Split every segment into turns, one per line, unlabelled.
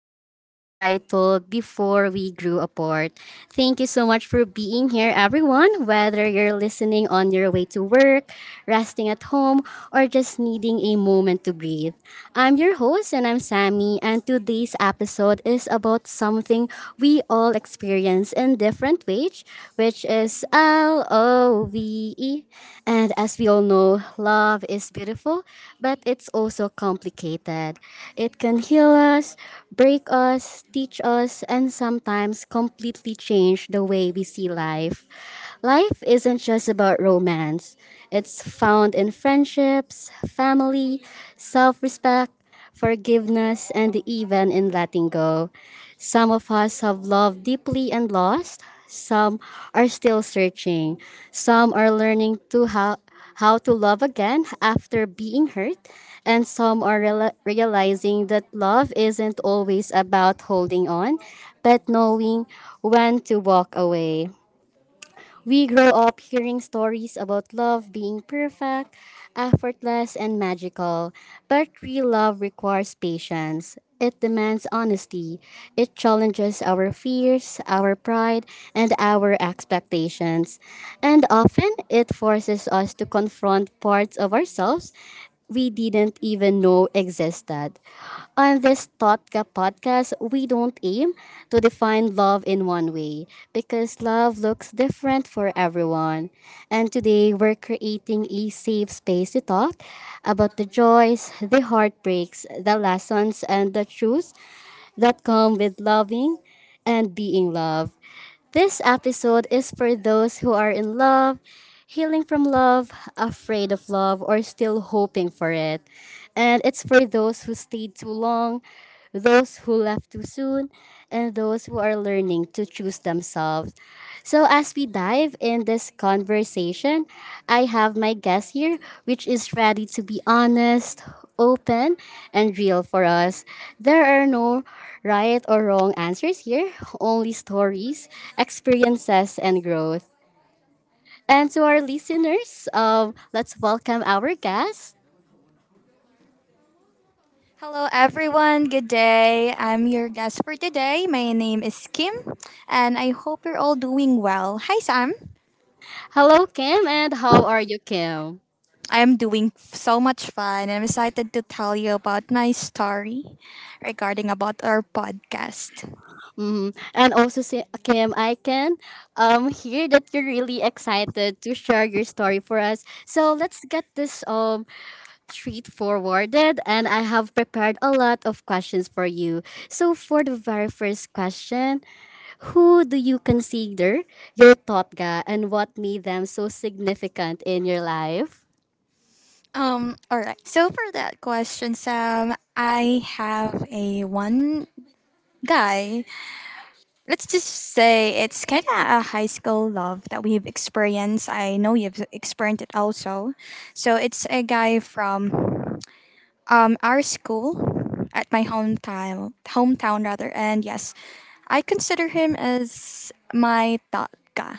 podcast titled Before We Grew Apart. Thank you so much for being here, everyone, whether you're listening on your way to work, resting at home, or just needing a moment to breathe. I'm your host, and I'm Sammy, and today's episode is about something we all experience in different ways, which is love. And as we all know, love is beautiful, but it's also complicated. It can heal us, break us, teach us, and sometimes completely change the way we see life. Life isn't just about romance, it's found in friendships, family, self respect, forgiveness, and even in letting go. Some of us have loved deeply and lost. Some are still searching. Some are learning how to love again after being hurt. And some are realizing that love isn't always about holding on, but knowing when to walk away. We grow up hearing stories about love being perfect, effortless, and magical. But real love requires patience. It demands honesty. It challenges our fears, our pride, and our expectations. And often, it forces us to confront parts of ourselves we didn't even know existed. On this Totka podcast, we don't aim to define love in one way because love looks different for everyone. And today, we're creating a safe space to talk about the joys, the heartbreaks, the lessons, and the truths that come with loving and being loved. This episode is for those who are in love, healing from love, afraid of love, or still hoping for it. And it's for those who stayed too long, those who left too soon, and those who are learning to choose themselves. So, as we dive in this conversation, I have my guest here, which is ready to be honest, open, and real for us. There are no right or wrong answers here, only stories, experiences, and growth. And to our listeners, let's welcome our guest.
Hello, everyone. Good day. I'm your guest for today. My name is Kim, and I hope you're all doing well. Hi, Sam.
Hello, Kim, and how are you, Kim?
I'm doing so much fun, and I'm excited to tell you about my story regarding about our podcast.
Hmm. And also, Kim, I can hear that you're really excited to share your story for us. So let's get this straightforwarded. And I have prepared a lot of questions for you. So, for the very first question, who do you consider your totga, and what made them so significant in your life?
All right. So for that question, Sam, I have a one guy, let's just say it's kind of a high school love that we've experienced. I know you've experienced it also. So it's a guy from our school at my hometown, hometown rather. And yes, I consider him as my tatka.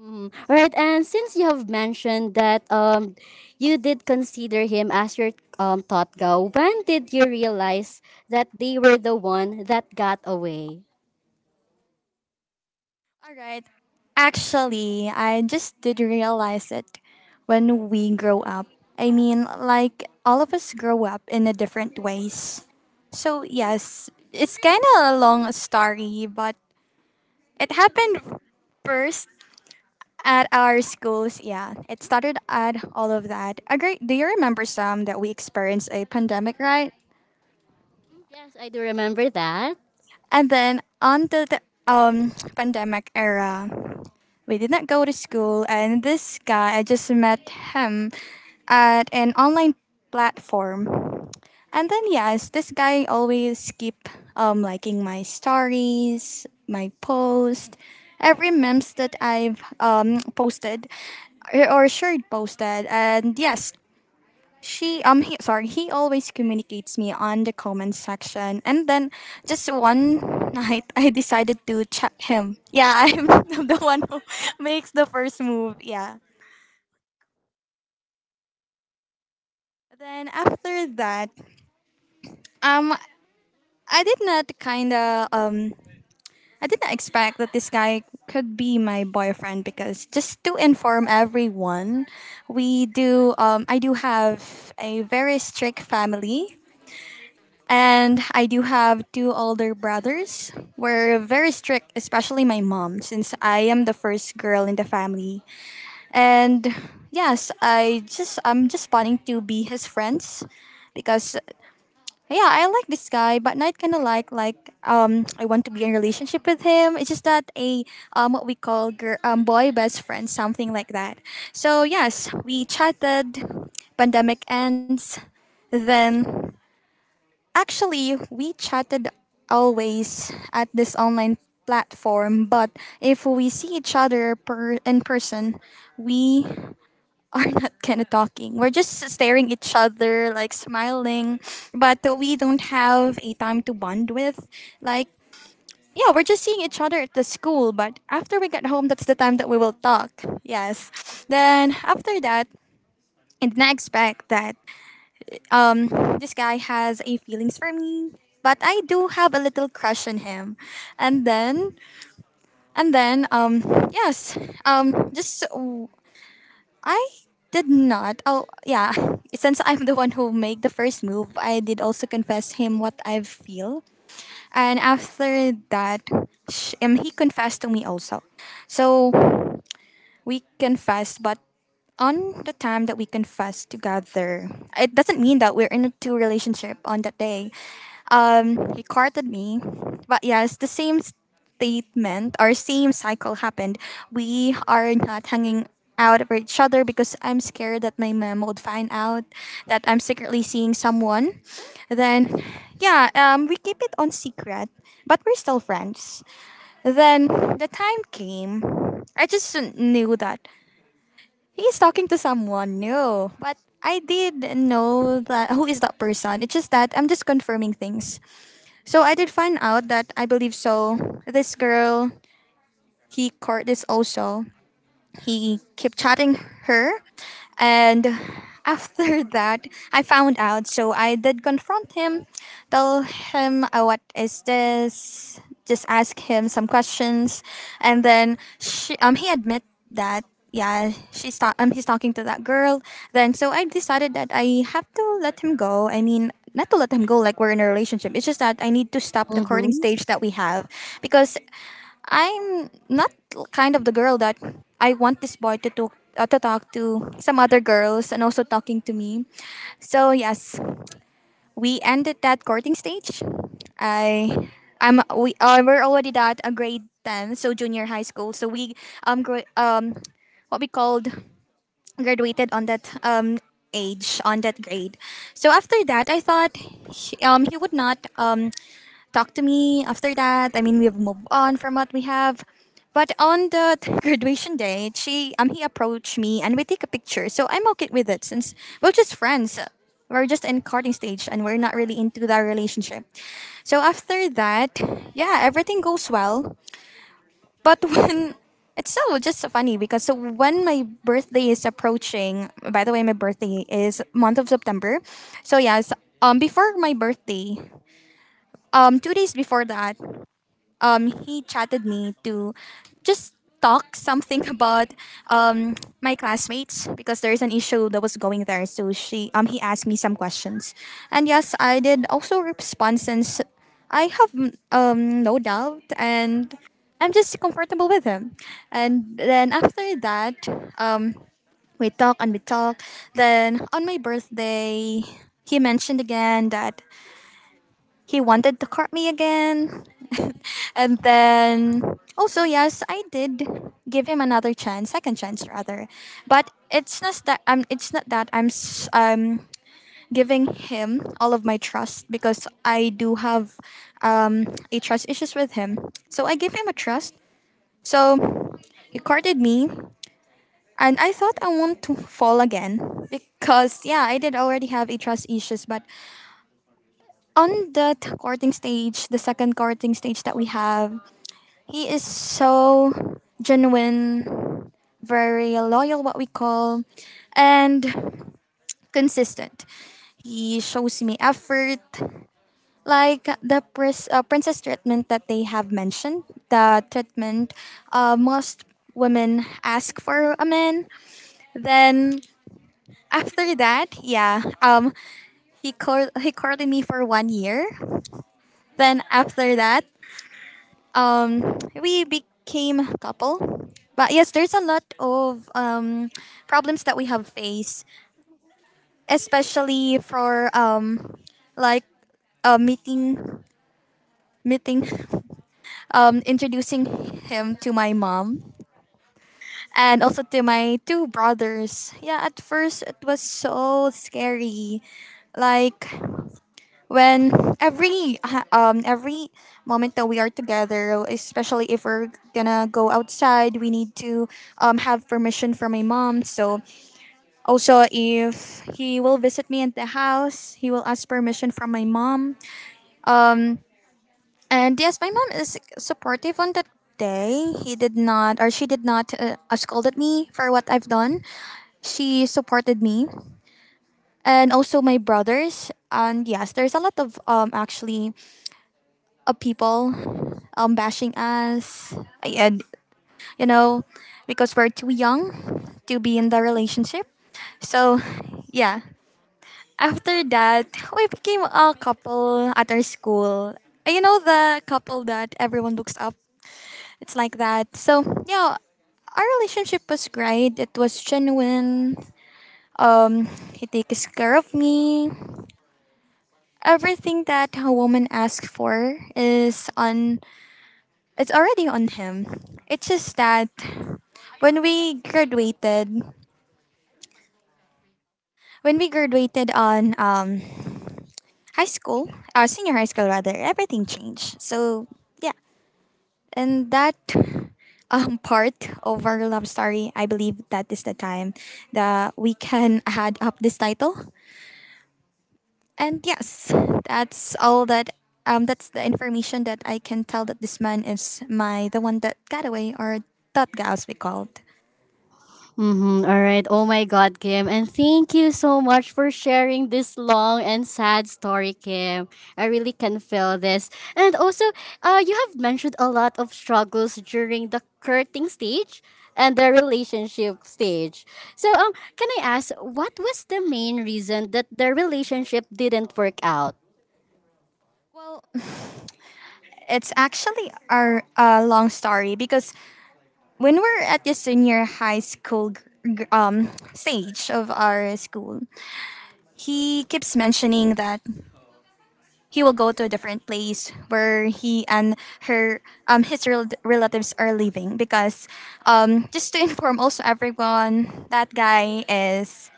Mm, all right, and since you have mentioned that you did consider him as your thought go, when did you realize that they were the one that got away?
All right. Actually, I just did realize it when we grow up. I mean, like all of us grow up in a different ways. So, yes, it's kind of a long story, but it happened first at our schools. Yeah, it started at all of that. A great, do you remember some that we experienced a pandemic, right?
Yes, I do remember that.
And then on to the pandemic era, we did not go to school, and this guy, I just met him at an online platform. And then yes, this guy always keep liking my stories, my post, every memes that I've posted or shared posted. And yes, he always communicates me on the comment section. And then just one night I decided to chat him. Yeah, I'm the one who makes the first move. Yeah. Then after that, um I did not kind of. I didn't expect that this guy could be my boyfriend because just to inform everyone, we do I do have a very strict family, and I do have two older brothers. We're very strict, especially my mom since I am the first girl in the family. And yes, I'm just wanting to be his friends because yeah, I like this guy, but not kind of like I want to be in a relationship with him. It's just that a what we call girl, boy best friend, something like that. So yes, we chatted. Pandemic ends, then actually we chatted always at this online platform. But if we see each other per in person, we are not kind of talking. We're just staring each other, like smiling, but we don't have a time to bond with. Like, yeah, we're just seeing each other at the school, but after we get home, that's the time that we will talk. Yes. Then after that, and then I didn't expect that um, this guy has a feelings for me, but I do have a little crush on him, and then and then yes just I did not. Oh, yeah. Since I'm the one who made the first move, I did also confess him what I feel. And after that, he confessed to me also. So we confessed, but on the time that we confess together, it doesn't mean that we're in a two relationship on that day. He courted me, but yes, the same statement or same cycle happened. We are not hanging out for each other because I'm scared that my mom would find out that I'm secretly seeing someone. Then, yeah, we keep it on secret, but we're still friends. Then the time came. I just knew that he's talking to someone new. But I did know that who is that person. It's just that I'm just confirming things. So I did find out that I believe so. This girl he court is also he kept chatting her, and after that I found out, so I did confront him, tell him what is this, just ask him some questions. And then he admit that yeah he's talking to that girl. Then so I decided that I have to let him go. I mean, not to let him go like we're in a relationship, it's just that I need to stop the courting
Mm-hmm.
stage that we have because I'm not kind of the girl that I want this boy to talk to talk to some other girls and also talking to me. So yes, we ended that courting stage. I I'm we We're already at a grade 10, so junior high school. So we um gra- um what we called graduated on that age on that grade. So after that, I thought he would not talk to me after that. I mean, we've moved on from what we have. But on the graduation day, she he approached me and we take a picture. So I'm okay with it since we're just friends. We're just in courting stage and we're not really into that relationship. So after that, yeah, everything goes well. But when it's so funny because so when my birthday is approaching, by the way, my birthday is month of September. So yes, before my birthday, 2 days before that, he chatted me to just talk something about um, my classmates because there is an issue that was going there. So she he asked me some questions, and yes, I did also respond since I have no doubt and I'm just comfortable with him. And then after that, um, we talk and we talk. Then on my birthday, he mentioned again that he wanted to court me again. And then also yes, I did give him another chance, second chance rather. But it's not that I'm giving him all of my trust because I do have a trust issues with him. So I gave him a trust. So he courted me and I thought I want to fall again because yeah, I did already have a trust issues, but on the courting stage, the second courting stage that we have, he is so genuine, very loyal, what we call, and consistent. He shows me effort, like the princess treatment that they have mentioned, the treatment most women ask for a man. Then after that, yeah, he he courted me for 1 year. Then after that, we became a couple. But yes, there's a lot of problems that we have faced, especially for like uh, meeting, meeting, introducing him to my mom and also to my two brothers. Yeah, at first it was so scary. Like when every moment that we are together, especially if we're gonna go outside, we need to have permission from my mom. So also if he will visit me at the house, he will ask permission from my mom. And yes, my mom is supportive on that day. He did not, or she did not scolded me for what I've done. She supported me, and also my brothers. And yes, there's a lot of actually of people bashing us. And, you know, because we're too young to be in the relationship. So, yeah. After that, we became a couple at our school. And you know, the couple that everyone looks up. It's like that. So, yeah, our relationship was great. It was genuine. Um, he takes care of me. Everything that a woman asks for is on. It's already on him. It's just that when we graduated, when we graduated on high school, senior high school rather, everything changed. So yeah, and that part of our love story, I believe that is the time that we can add up this title. And yes, that's all that. That's the information that I can tell that this man is my the one that got away, or that guy as we called.
Mm-hmm. All right. Oh my God, Kim. And thank you so much for sharing this long and sad story, Kim. I really can feel this. And also, you have mentioned a lot of struggles during the courting stage and the relationship stage. So, can I ask, what was the main reason that the relationship didn't work out?
Well, it's actually our long story because when we're at the senior high school stage of our school, he keeps mentioning that he will go to a different place where he and her relatives are living because just to inform also everyone that guy is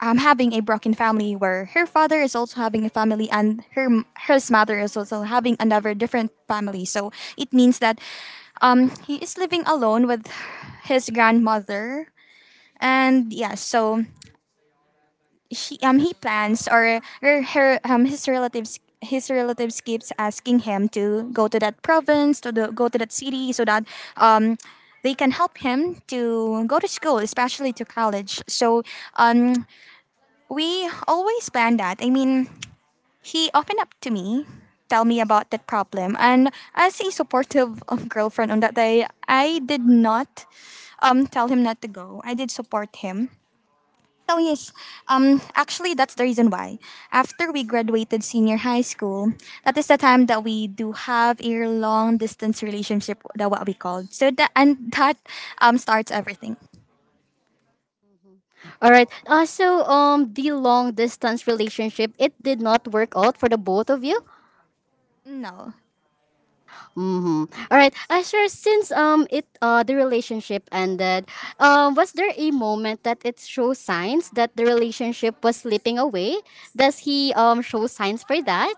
having a broken family, where her father is also having a family and her his mother is also having another different family. So it means that he is living alone with his grandmother. And yeah, so he plans, or her, her his relatives keeps asking him to go to that province, to the, go to that city so that um, they can help him to go to school, especially to college. So um, we always plan that. I mean, he opened up to me, tell me about that problem, and as a supportive girlfriend on that day, I did not tell him not to go. I did support him. So yes, actually that's the reason why. After we graduated senior high school, that is the time that we do have a long distance relationship, that what we called. So that and that starts everything.
All right. So, the long distance relationship, it did not work out for the both of you.
No.
Mm-hmm. All right. Sure. Since it the relationship ended, was there a moment that it shows signs that the relationship was slipping away? Does he show signs for that?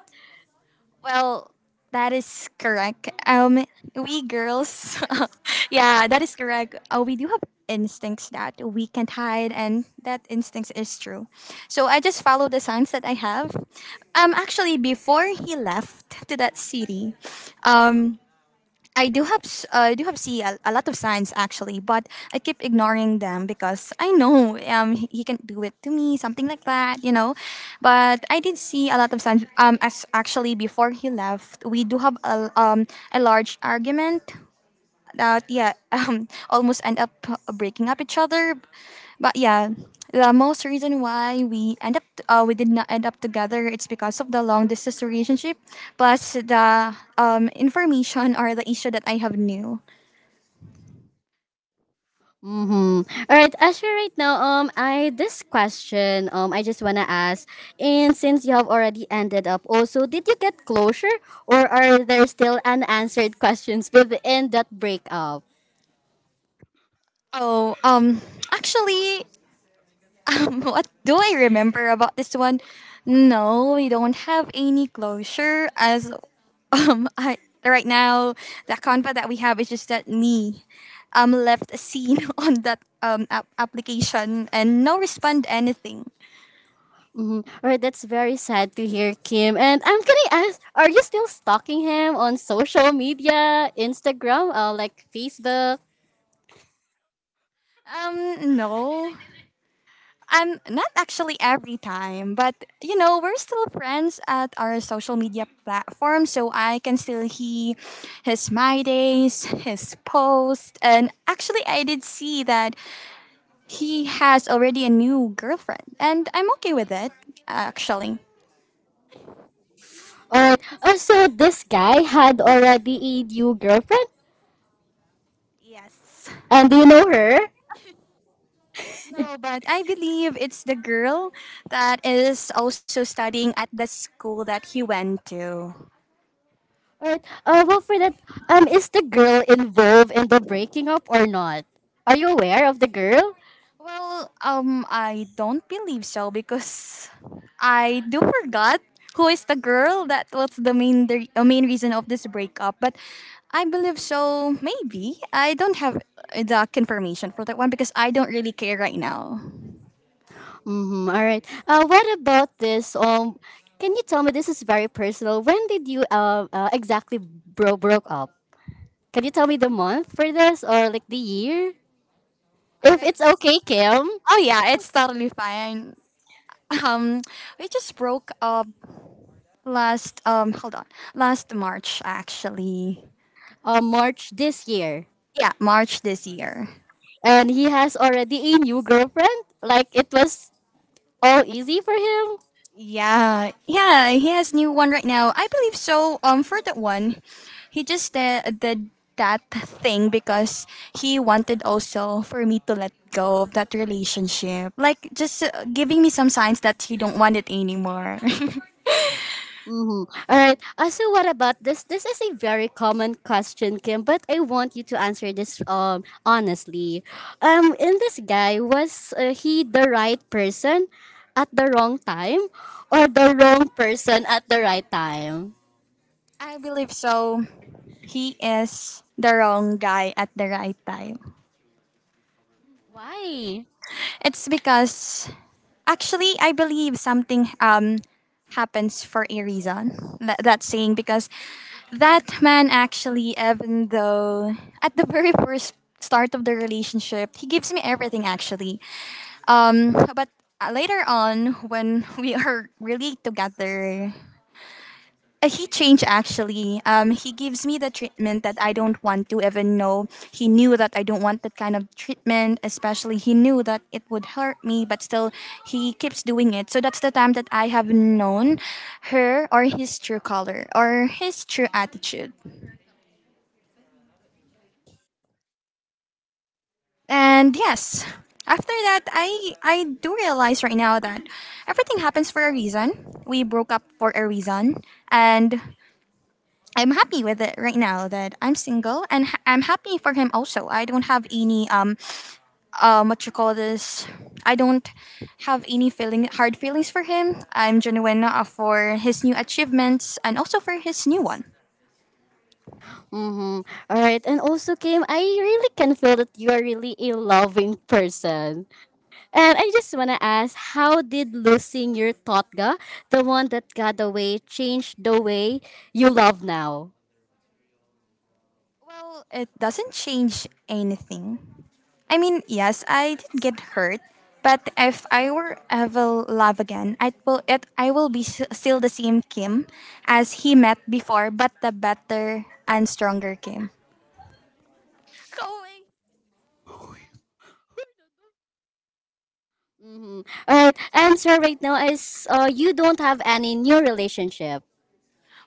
Well, that is correct. We girls, yeah, that is correct. We do have instincts that we can't hide, and that instinct is true. So I just follow the signs that I have. Actually, before he left to that city, um, I do have I do have see a lot of signs actually, but I keep ignoring them because I know he can do it to me, something like that, you know. But I did see a lot of signs. As actually before he left, we do have a large argument that yeah almost end up breaking up each other, but yeah, the most reason why we end up we did not end up together, it's because of the long distance relationship plus the information or the issue that I have knew.
Mm-hmm. All right. Asher. Right now, I this question, I just wanna ask, and since you have already ended up, also, did you get closure, or are there still unanswered questions within that breakup?
Oh, actually, what do I remember about this one? No, we don't have any closure as um I, right now the conva that we have is just that me left a scene on that application and no respond anything.
Mhm. Alright, that's very sad to hear, Kim. And can I ask, are you still stalking him on social media, Instagram, like Facebook?
No. I'm not actually every time, but you know, we're still friends at our social media platform, so I can still hear his my days, his posts, and actually I did see that he has already a new girlfriend, and I'm okay with it, actually.
Alright, so this guy had already a new girlfriend,
Yes.
and do you know her?
No, but I believe it's the girl that is also studying at the school that he went to.
Alright, well, for that, is the girl involved in the breaking up or not? Are you aware of the girl?
Well, I don't believe so because I do forgot who is the girl that was the main reason of this breakup. But I believe so. Maybe I don't have the confirmation for that one because I don't really care right now.
Mm-hmm, alright. What about this? Can you tell me, this is very personal. When did you exactly broke up? Can you tell me the month for this or like the year?
All
If
right.
it's okay, Kim,
Oh yeah, it's totally fine. Um, we just broke up last hold on last March actually.
March this year.
Yeah, March this year.
And he has already a new girlfriend. Like it was all easy for him.
Yeah, yeah, he has new one right now. I believe so. For that one, he just did that thing because he wanted also for me to let go of that relationship, like just giving me some signs that he don't want it anymore.
Mm-hmm. All right. So what about this? This is a very common question, Kim, but I want you to answer this honestly. In this guy was he the right person at the wrong time, or the wrong person at the right time?
I believe so. He is the wrong guy at the right time.
Why?
It's because actually I believe something happens for a reason. That saying because that man actually, even though at the very first start of the relationship he gives me everything actually, but later on when we are really together, he changed actually. He gives me the treatment that I don't want to even know. He knew that I don't want that kind of treatment, especially he knew that it would hurt me, but still he keeps doing it. So that's the time that I have known her or his true color or his true attitude. And yes, after that, I do realize right now that everything happens for a reason. We broke up for a reason, and I'm happy with it right now that I'm single, and I'm happy for him also. I don't have any what you call this. I don't have any feeling hard feelings for him. I'm genuine for his new achievements and also for his new one.
Mm-hmm. All right. And also, Kim, I really can feel that you are really a loving person. And I just want to ask, how did losing your Totga, the one that got away, change the way you love now?
Well, it doesn't change anything. I mean, yes, I did get hurt, but if I were ever love again, I will. I will be still the same Kim as he met before, but the better and stronger Kim.
Mm-hmm. All right. Answer right now is you don't have any new relationship.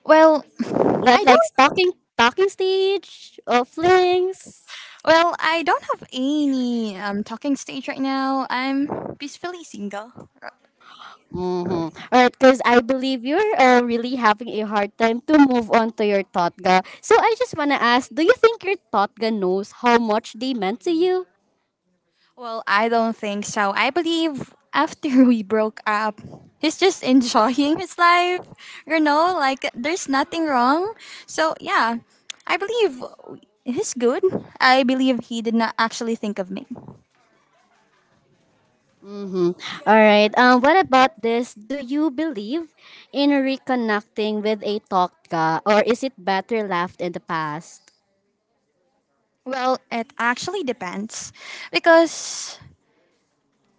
Well,
But
I
like
don't.
talking stage or flings?
Well, I don't have any talking stage right now. I'm peacefully single.
Mm-hmm. All right, because I believe you're really having a hard time to move on to your Totga. So I just want to ask, do you think your Totga knows how much they meant to you?
Well, I don't think so. I believe after we broke up, he's just enjoying his life. You know, like there's nothing wrong. So yeah, I believe he's good. I believe he did not actually think of me.
Mm-hmm. All right. What about this? Do you believe in reconnecting with a Totga, or is it better left in the past?
Well, it actually depends because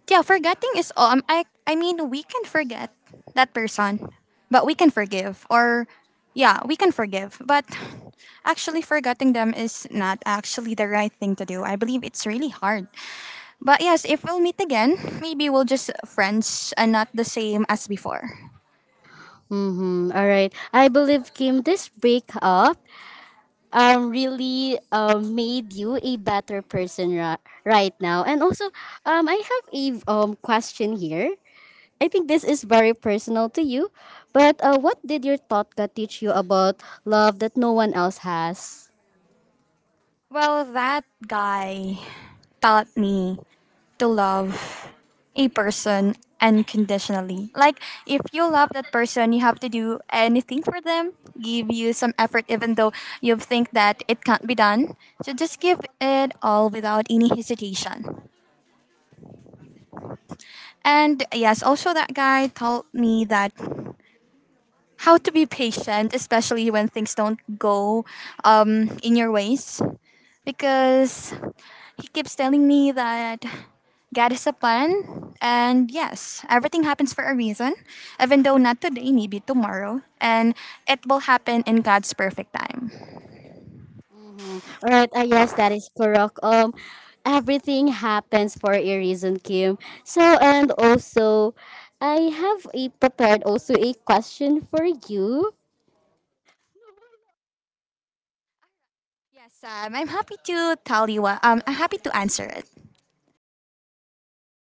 yeah, forgetting is all. I mean, we can forget that person, but we can forgive. Or yeah, we can forgive, but actually forgetting them is not actually the right thing to do. I believe it's really hard. But yes, if we'll meet again, maybe we'll just friends and not the same as before.
Mm-hmm. All right. I believe Kim, this breakup really made you a better person right now. And also, I have a question here. I think this is very personal to you, but what did your Totka teach you about love that no one else has?
Well, that guy taught me to love a person unconditionally. Like if you love that person, you have to do anything for them, give you some effort even though you think that it can't be done. So just give it all without any hesitation. And yes, also that guy taught me that how to be patient, especially when things don't go in your ways. Because he keeps telling me that God is a plan. And yes, everything happens for a reason, even though not today, maybe tomorrow. And it will happen in God's perfect time.
Mm-hmm. All right. Yes, that is correct. Everything happens for a reason, Kim. So, and also, I have a prepared also a question for you.
Yes, I'm happy to tell you. I'm happy to answer it.